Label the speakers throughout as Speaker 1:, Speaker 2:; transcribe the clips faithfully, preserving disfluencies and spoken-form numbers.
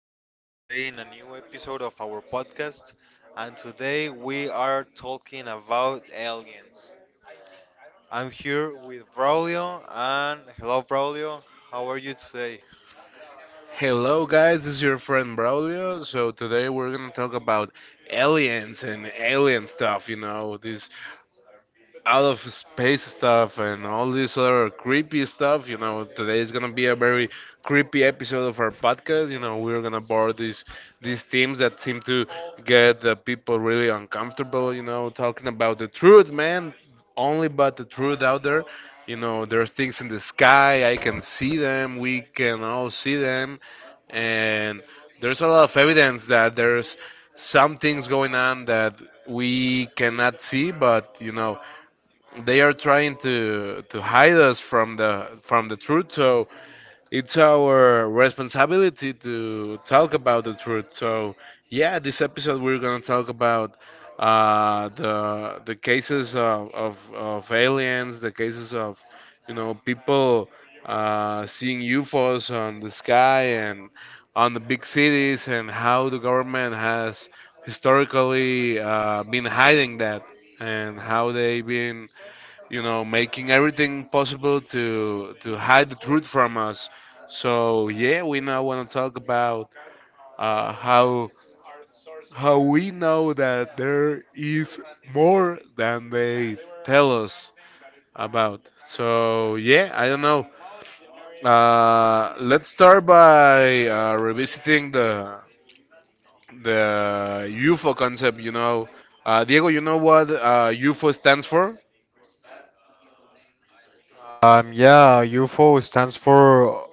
Speaker 1: We are here today in a new episode of our podcast, and today we are talking about aliens. I'm here with Braulio, and hello, Braulio. How are you today?
Speaker 2: Hello, guys, this is your friend Braulio. So, today we're gonna talk about aliens and alien stuff, you know, this out of space stuff and all this other creepy stuff. You know, today is gonna be a very creepy episode of our podcast. You know, we're gonna borrow these these themes that seem to get the people really uncomfortable. You know, talking about the truth, man. Only but the truth out there. You know, there's things in the sky. I can see them. We can all see them, and there's a lot of evidence that there's some things going on that we cannot see, but you know, they are trying to to hide us from the from the truth, so it's our responsibility to talk about the truth. So yeah, this episode we're going to talk about uh the the cases of, of of aliens, the cases of, you know, people uh seeing U F Os on the sky and on the big cities, and how the government has historically uh, been hiding that, and how they've been, you know, making everything possible to to hide the truth from us. So yeah, we now want to talk about uh, how how we know that there is more than they tell us about. So yeah, I don't know. Uh, let's start by uh, revisiting the the U F O concept. You know, uh, Diego, you know what uh, U F O stands for?
Speaker 1: Um, yeah, U F O stands for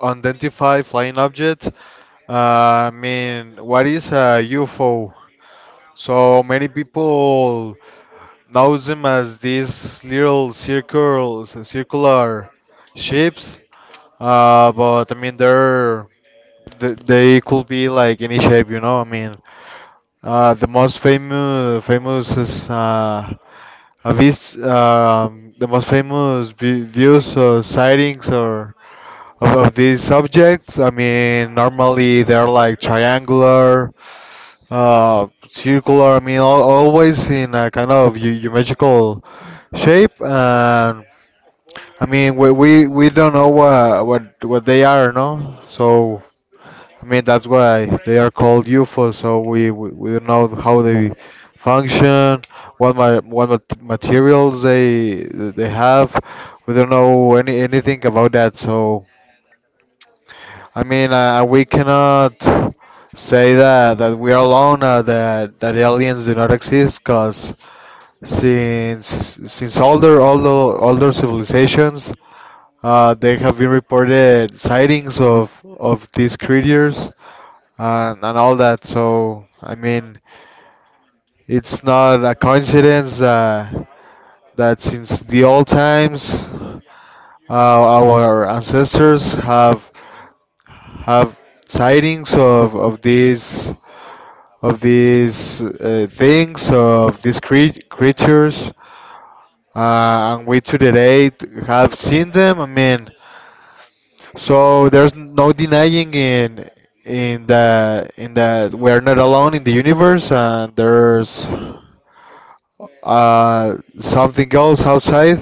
Speaker 1: Unidentified Flying Object. Uh, I mean, what is a U F O? So many people knows them as these little circles, circular shapes. Uh, but I mean, they're th- they could be like any shape, you know. I mean, uh, the most famous famous is uh, a vis- um, the most famous vi- views or sightings or of, of these objects. I mean, normally they're like triangular, uh, circular. I mean, al always in a kind of eu- geometrical shape. And. I mean, we, we, we don't know what, what what they are, no? So I mean, that's why they are called U F O, so we, we, we don't know how they function, what ma what mat materials they they have. We don't know any anything about that. So I mean, uh, we cannot say that that we are alone, uh, that that aliens do not exist, because since since older older older civilizations, uh, they have been reported sightings of of these creatures and, and all that. So, I mean, it's not a coincidence uh, that since the old times, uh, our ancestors have have sightings of, of these of these uh, things of these crea- creatures, uh, and we to the date have seen them. I mean, so there's no denying in in that in that we're not alone in the universe, and there's Uh, something else outside,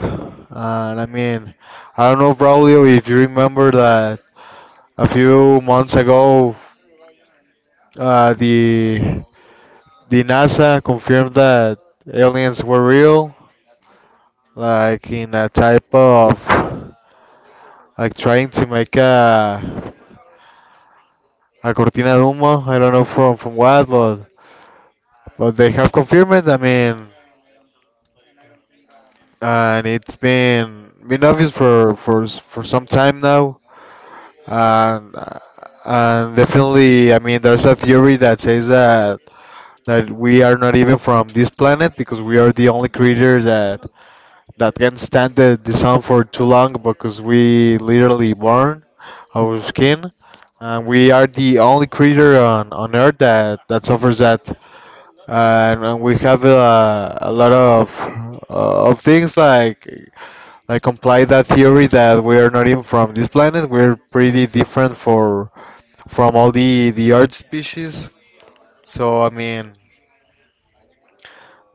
Speaker 1: and I mean, I don't know, Braulio, if you remember that a few months ago, uh, the the NASA confirmed that aliens were real, like in a type of like trying to make a a cortina de humo. I don't know from from what, but but they have confirmed it. I mean, and it's been been obvious for for s- for some time now. And, uh, and definitely, I mean, there's a theory that says that that we are not even from this planet because we are the only creature that that can stand the, the sun for too long because we literally burn our skin, and we are the only creature on, on Earth that that suffers that, and, and we have a, a lot of uh, of things like like comply that theory that we are not even from this planet. We're pretty different for from all the the art species. So I mean,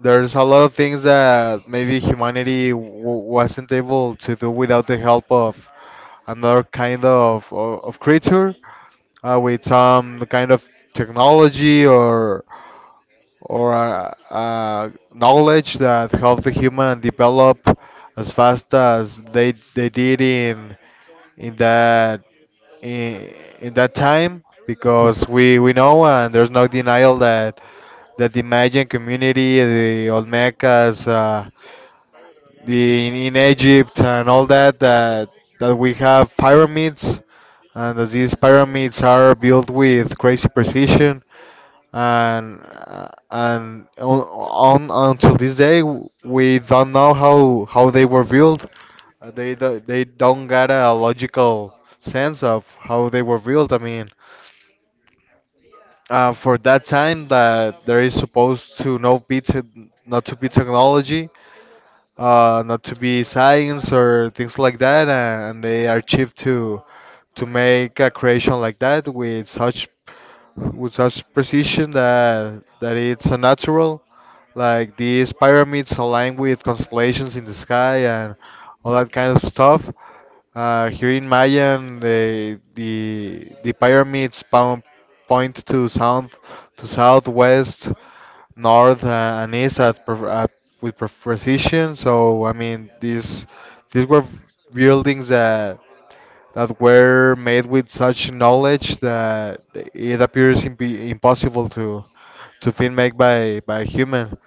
Speaker 1: there's a lot of things that maybe humanity w- wasn't able to do without the help of another kind of of, of creature, uh, with some kind of technology or or uh, uh, knowledge that helped the human develop as fast as they they did in in that in, in that time because we we know and there's no denial that that the Mayan community, the Olmecas, uh, the in, in Egypt and all that that that we have pyramids and that these pyramids are built with crazy precision and uh, and on, on until this day w- we don't know how how they were built. Uh, They do- they don't got a logical sense of how they were built. I mean, uh, for that time that there is supposed to no be te- not to be technology, uh, not to be science or things like that, and they are cheap to to make a creation like that with such with such precision that that it's a natural. Like these pyramids align with constellations in the sky and all that kind of stuff. Uh, here in Mayan, the the the pyramids pound, point to south, to southwest, north, uh, and east at, pre- at with pre- precision. So I mean, these these were buildings that that were made with such knowledge that it appears imp- impossible to to be made by by a human.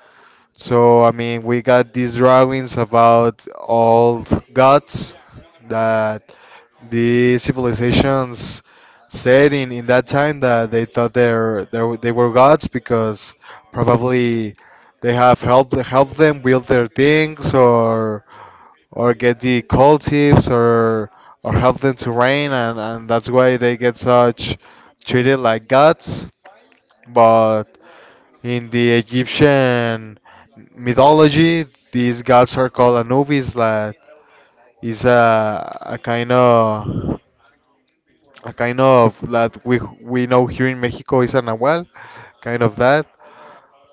Speaker 1: So I mean, we got these drawings about old gods that the civilizations said in, in that time that they thought they're, they're they were gods because probably they have helped helped them build their things or or get the cold tips or or help them to reign and, and that's why they get such treated like gods but in the Egyptian mythology these gods are called Anubis. That is a, a kind of a kind of that we we know here in Mexico is an nahual kind of that,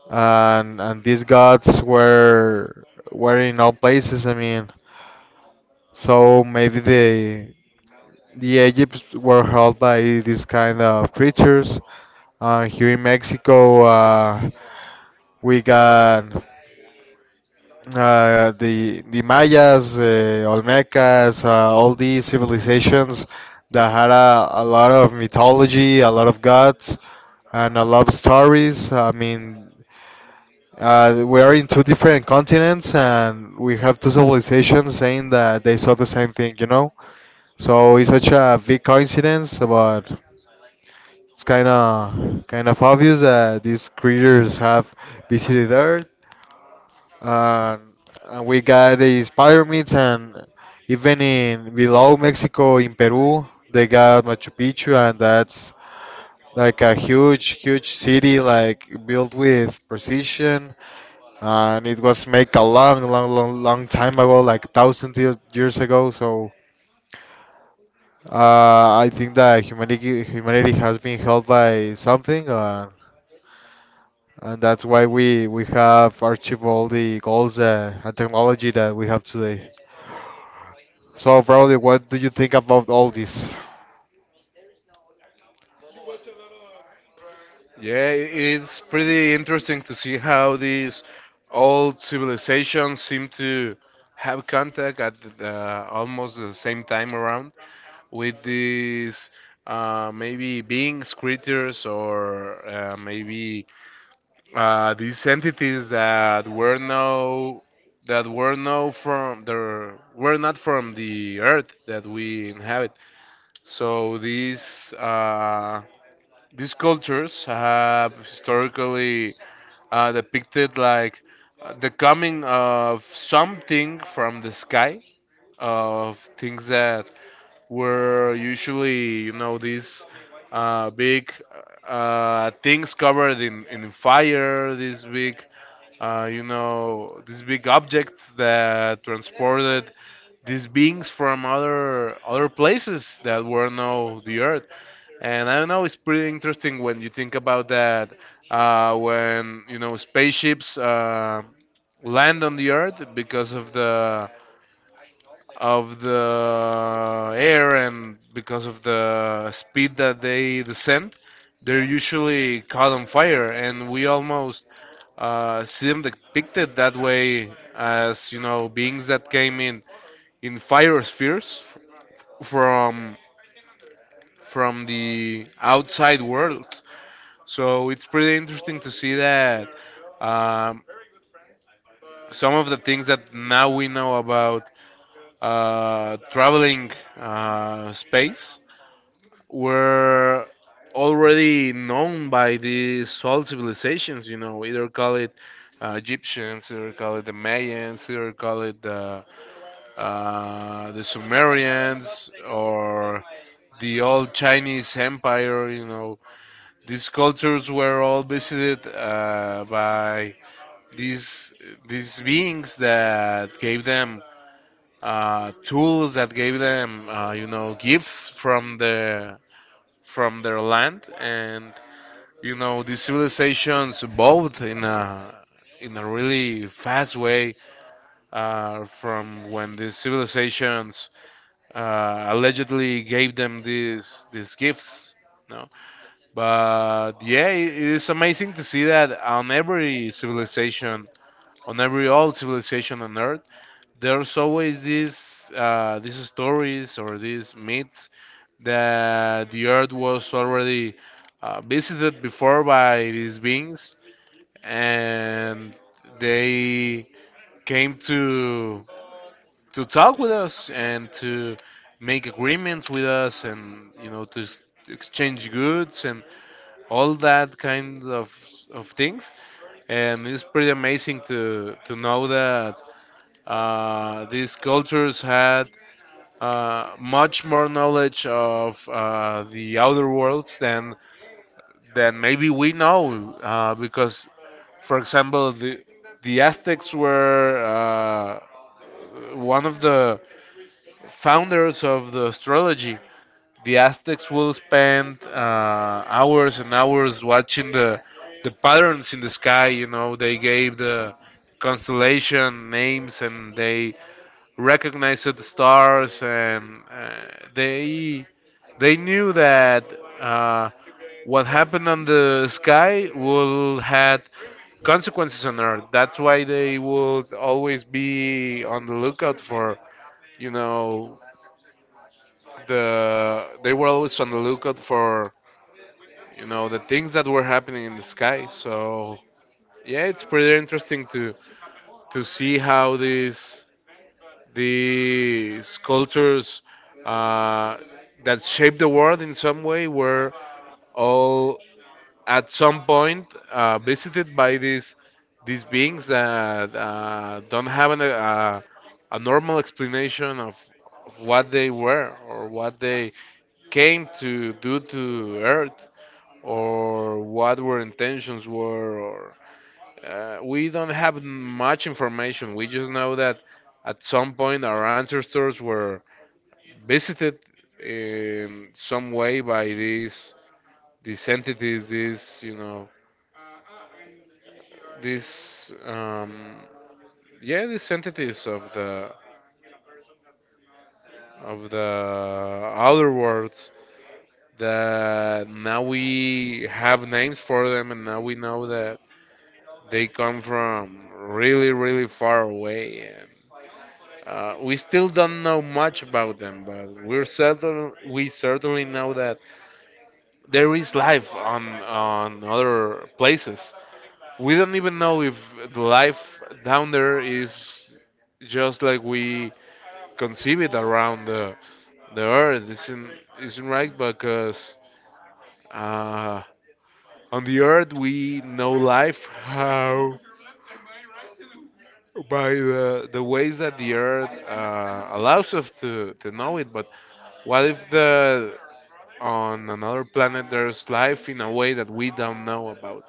Speaker 1: and and these gods were were in all places. I mean, so maybe the the Egypts were held by these kind of creatures. Uh, here in Mexico, uh, we got uh, the the Mayas, uh, Olmecas, uh, all these civilizations that had a, a lot of mythology, a lot of gods, and a lot of stories. I mean, uh, we are in two different continents, and we have two civilizations saying that they saw the same thing, you know? So it's such a big coincidence, but it's kind of kind of obvious that these creatures have visited Earth, and, and we got these pyramids, and even in below Mexico, in Peru, they got Machu Picchu, and that's like a huge, huge city, like built with precision, and it was made a long, long, long, long time ago, like thousand years ago. So Uh, I think that humanity humanity has been helped by something, uh, and that's why we we have achieved all the goals uh, and technology that we have today. So, probably, what do you think about all this?
Speaker 2: Yeah, it's pretty interesting to see how these old civilizations seem to have contact at uh, almost the same time around with these uh, maybe beings, creatures, or uh, maybe uh, these entities that were no that were no from there were not from the earth that we inhabit. So these uh, these cultures have historically uh, depicted like uh, the coming of something from the sky, of things that were usually, you know, these uh, big uh, things covered in, in fire, these big, uh, you know, these big objects that transported these beings from other other places that were not the Earth. And I don't know, it's pretty interesting when you think about that. Uh, when you know spaceships uh, land on the Earth, because of the of the air and because of the speed that they descend, they're usually caught on fire, and we almost uh, see them depicted that way as, you know, beings that came in in fire spheres f- from from the outside worlds. So it's pretty interesting to see that um, some of the things that now we know about uh, traveling uh, space were already known by these old civilizations, you know, either call it uh, Egyptians, either call it the Mayans, either call it the, uh, the Sumerians or the old Chinese Empire, you know. These cultures were all visited uh, by these these beings that gave them uh, tools, that gave them, uh, you know, gifts from the from their land, and you know, these civilizations evolved in a in a really fast way uh, from when these civilizations uh, allegedly gave them these these gifts. No, but yeah, it, it is amazing to see that on every civilization, on every old civilization on Earth, there's always these uh, these stories or these myths that the Earth was already uh, visited before by these beings, and they came to to talk with us and to make agreements with us, and you know, to s- exchange goods and all that kind of of things. And it's pretty amazing to to know that uh, these cultures had uh, much more knowledge of uh, the outer worlds than then maybe we know, uh, because, for example, the the Aztecs were, uh, one of the founders of the astrology. The Aztecs will spend uh, hours and hours watching the the patterns in the sky. You know, they gave the constellation names and they recognized the stars, and uh, they they knew that uh, what happened on the sky will had consequences on Earth. That's why they would always be on the lookout for, you know, the they were always on the lookout for, you know, the things that were happening in the sky. So yeah, it's pretty interesting to to see how these these cultures uh, that shaped the world in some way were all at some point uh, visited by these these beings that uh, don't have an, uh, a normal explanation of, of what they were or what they came to do to Earth, or what their intentions were, or uh, we don't have much information. We just know that at some point our ancestors were visited in some way by these these entities, these, you know, these um, yeah, these entities of the of the outer worlds, that now we have names for them, and now we know that they come from really, really far away. And uh, we still don't know much about them, but we're certain we certainly know that there is life on on other places. We don't even know if the life down there is just like we conceive it around the the earth, isn't isn't right, because uh, on the earth we know life how, by the the ways that the earth uh, allows us to to know it. But what if the on another planet there's life in a way that we don't know about?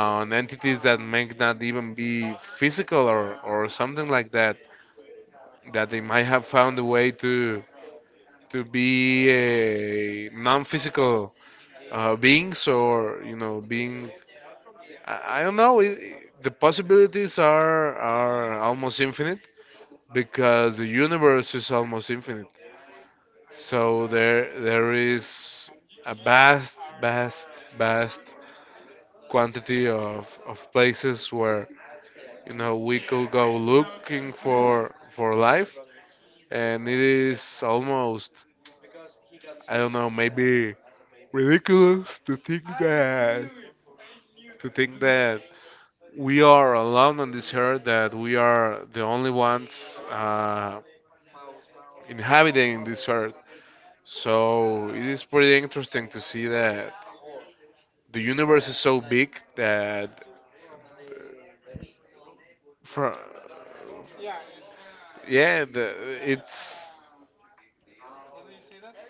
Speaker 2: Uh, on entities that may not even be physical, or or something like that, that they might have found a way to to be a non-physical uh, beings, or you know, being. I, I don't know, it, it- the possibilities are are almost infinite, because the universe is almost infinite. So there there is a vast vast vast quantity of, of places where, you know, we could go looking for for life. And it is almost, I don't know, maybe ridiculous to think that to think that we are alone on this earth, that we are the only ones uh, inhabiting this earth. So it is pretty interesting to see that the universe is so big that for, yeah the, it's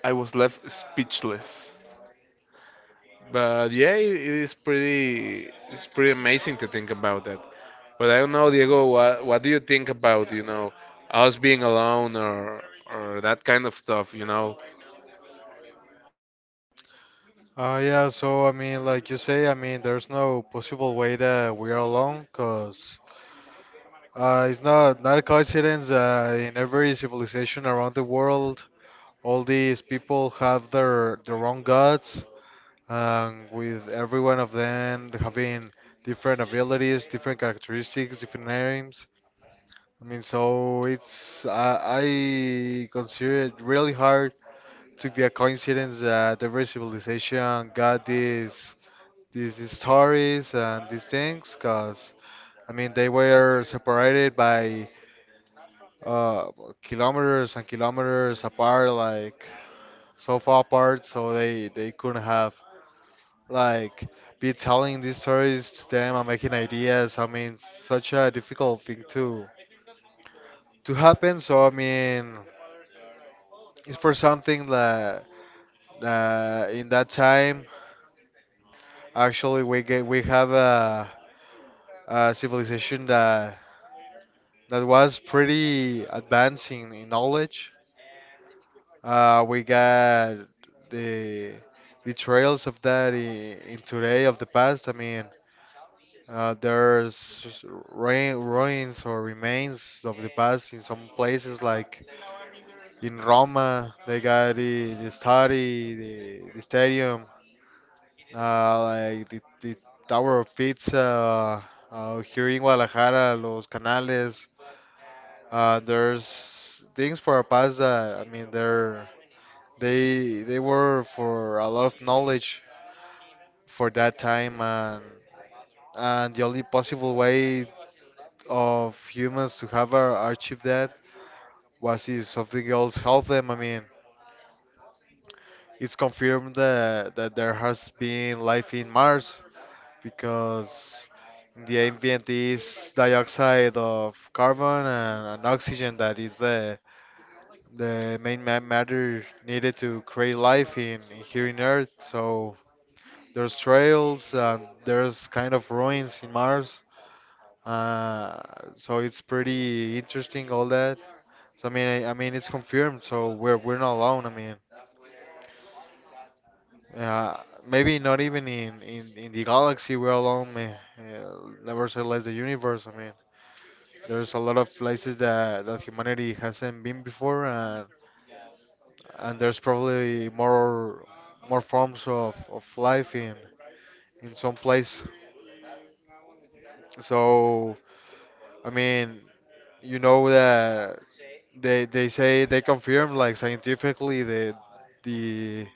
Speaker 2: I was left speechless. But yeah, it, it is pretty, it's pretty amazing to think about that. But I don't know, Diego, what, what do you think about, you know, us being alone or or that kind of stuff, you know?
Speaker 1: Uh, yeah, so I mean, like you say, I mean, there's no possible way that we are alone, cause uh, it's not not a coincidence. Uh, in every civilization around the world, all these people have their their own gods, and with every one of them having different abilities, different characteristics, different names. I mean, so it's I I consider it really hard to be a coincidence that every civilization got these these, these stories and these things, because I mean they were separated by uh, kilometers and kilometers apart, like so far apart, so they they couldn't have like be telling these stories to them and making ideas. I mean, such a difficult thing to to happen. So I mean, it's for something that uh, in that time actually we get we have a, a civilization that that was pretty advancing in knowledge. Uh, we got the the trails of that in, in today of the past. I mean, Uh, there's ruin, ruins or remains of the past in some places, like in Roma, they got the, the study, the, the stadium, uh, like the, the Tower of Pizza, uh, uh, here in Guadalajara, Los Canales. Uh, there's things for our past that, I mean, they're, they, they were for a lot of knowledge for that time, and, and the only possible way of humans to have our achieve that was it something else help them? I mean, it's confirmed that that there has been life in Mars because in the ambient is dioxide of carbon and, and oxygen that is the the main ma- matter needed to create life in here in Earth. So there's trails and there's kind of ruins in Mars. Uh, so it's pretty interesting all that. So I mean, I, I mean, it's confirmed. So we're we're not alone. I mean, uh, maybe not even in, in, in the galaxy we're alone, man. Uh, never say less the universe. I mean, there's a lot of places that that humanity hasn't been before, and and there's probably more more forms of, of life in in some place. So, I mean, you know that they they say they confirm like scientifically the the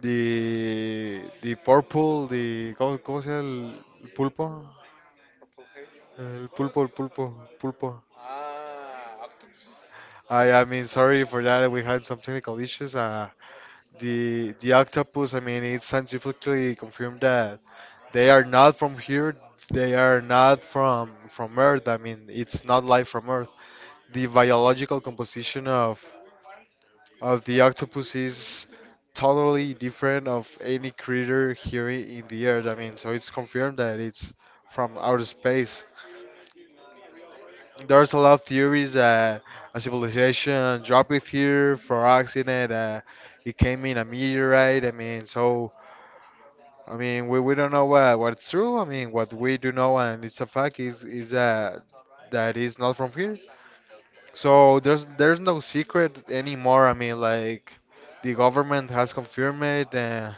Speaker 1: The, the purple, the... ¿Cómo, cómo se llama el el pulpo? El pulpo, el pulpo, pulpo. I, I mean, sorry for that. We had some technical issues. Uh, the the octopus. I mean, it's scientifically confirmed that they are not from here. They are not from from Earth. I mean, it's not life from Earth. The biological composition of Uh, the octopus is totally different of any creature here in the Earth. I mean, so it's confirmed that it's from outer space. There's a lot of theories that a civilization dropped it here for accident. Uh, it came in a meteorite. I mean, so I mean, we, we don't know what what's true. I mean, what we do know and it's a fact is is that that is not from here. So there's there's no secret anymore. I mean, like the government has confirmed it, uh,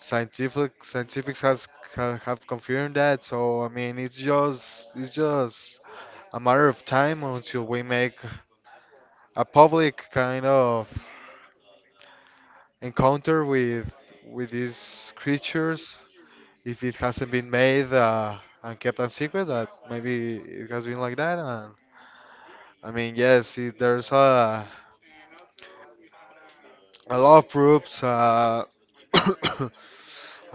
Speaker 1: scientific scientifics has ha, have confirmed that. So I mean, it's just it's just a matter of time until we make a public kind of encounter with with these creatures. If it hasn't been made uh, and kept a secret, that maybe it has been like that. And I mean, yes, it, there's a I love proofs. Uh, I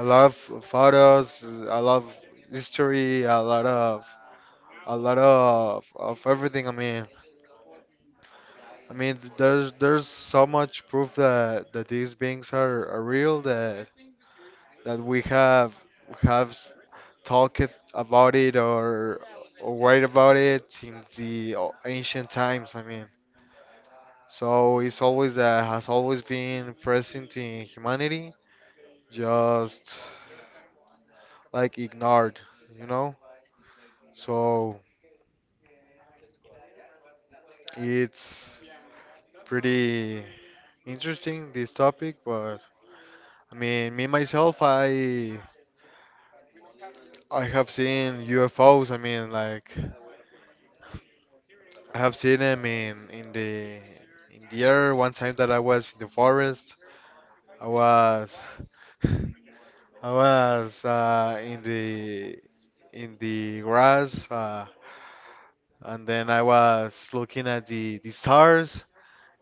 Speaker 1: love photos. I love history. A lot of a lot of of everything. I mean, I mean, there's there's so much proof that that these beings are, are real. That that we have have talked about it or or write about it since the ancient times. I mean, so it's always uh, has always been present in humanity. Just. Like ignored, you know? So it's pretty interesting this topic, but I mean, me myself, I I have seen U F Os. I mean, like I have seen them in in the in the air. One time that I was in the forest, I was I was uh, in the in the grass, uh, and then I was looking at the the stars.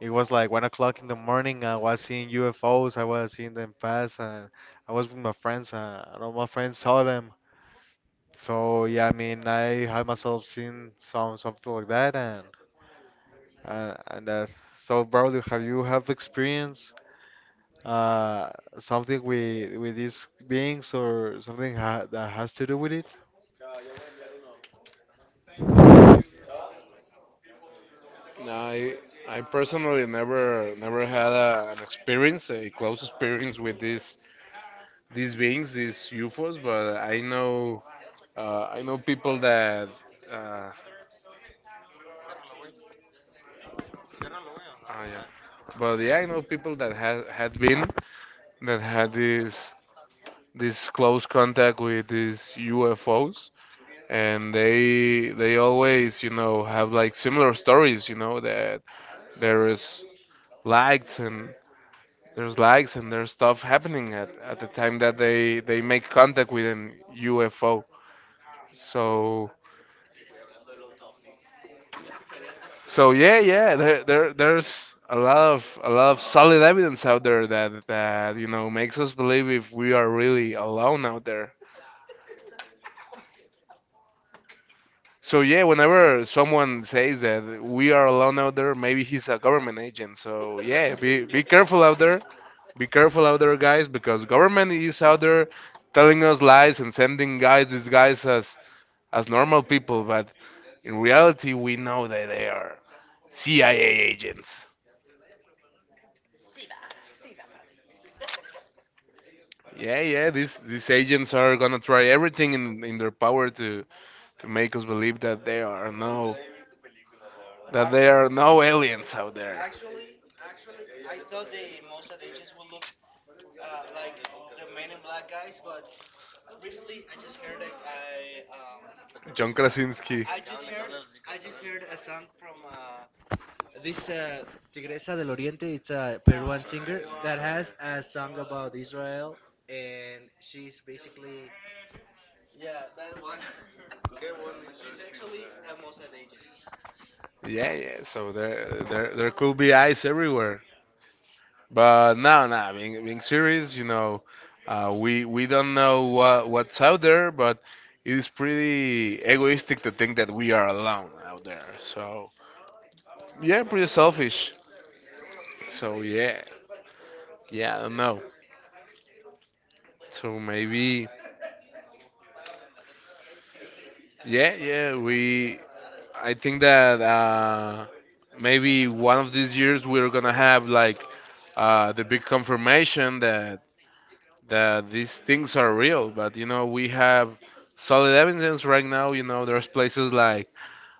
Speaker 1: It was like one o'clock in the morning. I was seeing U F Os. I was seeing them pass, and I was with my friends, and all my friends saw them. So yeah, I mean, I have myself seen some something like that, and uh, and that. So, bro, have you have experience uh something with with these beings or something ha that has to do with it?
Speaker 2: No, I I personally never never had a, an experience, a close experience with these these beings, these U F Os. But I know uh, I know people that uh, oh, yeah. But yeah, I know people that had had been that had this this close contact with these U F Os, and they they always, you know, have like similar stories, you know, that there is lights and there's likes and there's stuff happening at, at the time that they they make contact with an U F O. So so yeah yeah there there there's a lot of a lot of solid evidence out there that that, you know, makes us believe if we are really alone out there. So yeah, whenever someone says that we are alone out there, maybe he's a government agent. So yeah, be be careful out there. Be careful out there, guys, because government is out there telling us lies and sending guys disguised as as normal people, but in reality, we know that they are C I A agents. Yeah, yeah, these these agents are gonna try everything in, in their power to to make us believe that there are no that there are no aliens out there. John Krasinski. Yeah, yeah. So there, there, there could be eyes everywhere. But no, no, being being serious, you know, uh, we we don't know what what's out there, but it is pretty egoistic to think that we are alone out there. So yeah, pretty selfish. So yeah, yeah, I don't know. So maybe yeah, yeah, we. I think that uh, maybe one of these years we're gonna have like uh, the big confirmation that that these things are real. But you know, we have solid evidence right now. You know, there's places like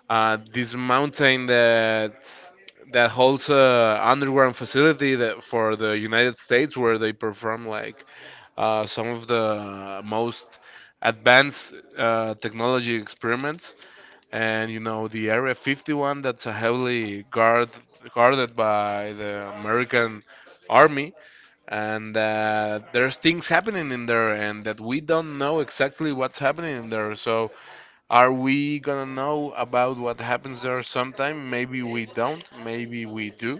Speaker 2: uh, this mountain that that holds a underground facility that for the United States, where they perform like uh, some of the most advanced uh, technology experiments. And you know, the area fifty-one, that's a heavily guard guarded by the American army. And uh, there's things happening in there, and that we don't know exactly what's happening in there. So are we gonna know about what happens there sometime? Maybe we don't, maybe we do.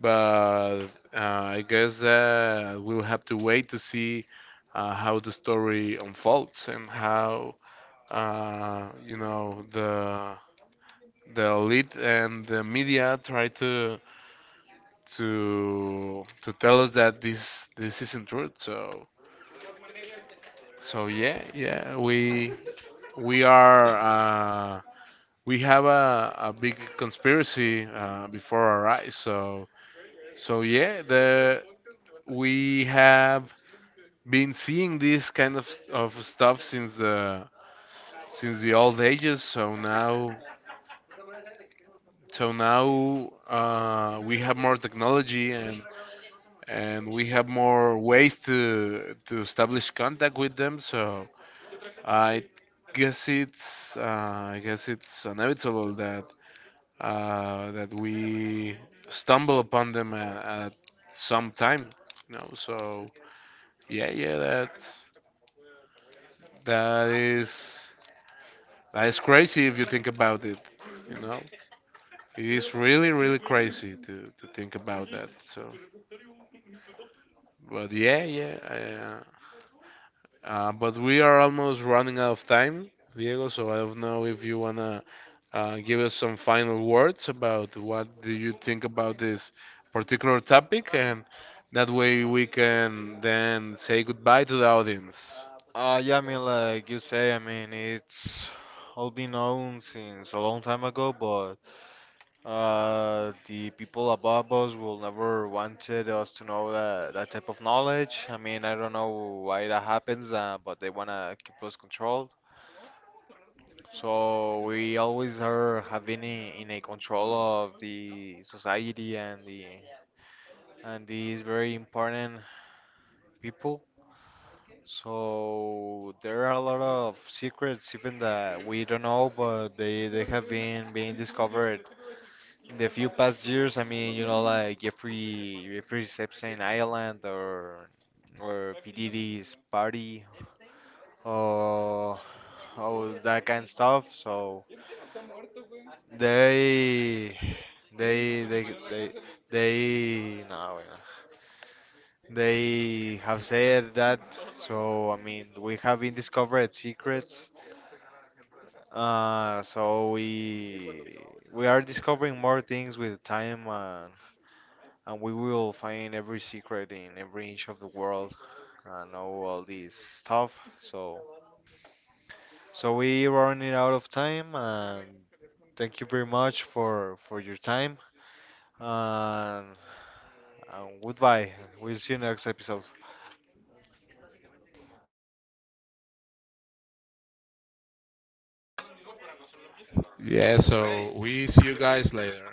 Speaker 2: But uh, I guess that we'll have to wait to see uh, how the story unfolds, and how, uh, you know, the the elite and the media try to to to tell us that this this isn't true. So so yeah, yeah, we we are uh, we have a, a big conspiracy uh, before our eyes. So so yeah, the we have been seeing this kind of of stuff since the since the old ages. So now, so now uh, we have more technology, and and we have more ways to to establish contact with them. So I guess it's, uh, I guess it's inevitable that uh, that we stumble upon them at, at some time, you know. So yeah, yeah, that's that is that is crazy if you think about it, you know. It is really, really crazy to to think about that. So, but yeah, yeah, Uh, but we are almost running out of time, Diego, so I don't know if you wanna uh, give us some final words about what do you think about this particular topic, and that way we can then say goodbye to the audience.
Speaker 1: Uh, yeah, I mean, like you say, I mean, it's all been known since a long time ago, but. Uh, the people above us will never wanted us to know that, that type of knowledge. I mean, I don't know why that happens, uh, but they wanna keep us controlled. So we always are having in, in a control of the society and the and these very important people. So there are a lot of secrets even that we don't know, but they they have been being discovered in the few past years, I mean, you know, like Jeffrey, Jeffrey Epstein Island or or P. Diddy's Party or all that kind of stuff. So they they they they they no, wait, no. They have said that. So I mean, we have been discovered secrets. Uh, so we we are discovering more things with time. Uh, and we will find every secret in every inch of the world and all, this stuff. So, so we running out of time, and thank you very much for for your time. And, and goodbye. We'll see you next episode.
Speaker 2: Yeah, so we see you guys later.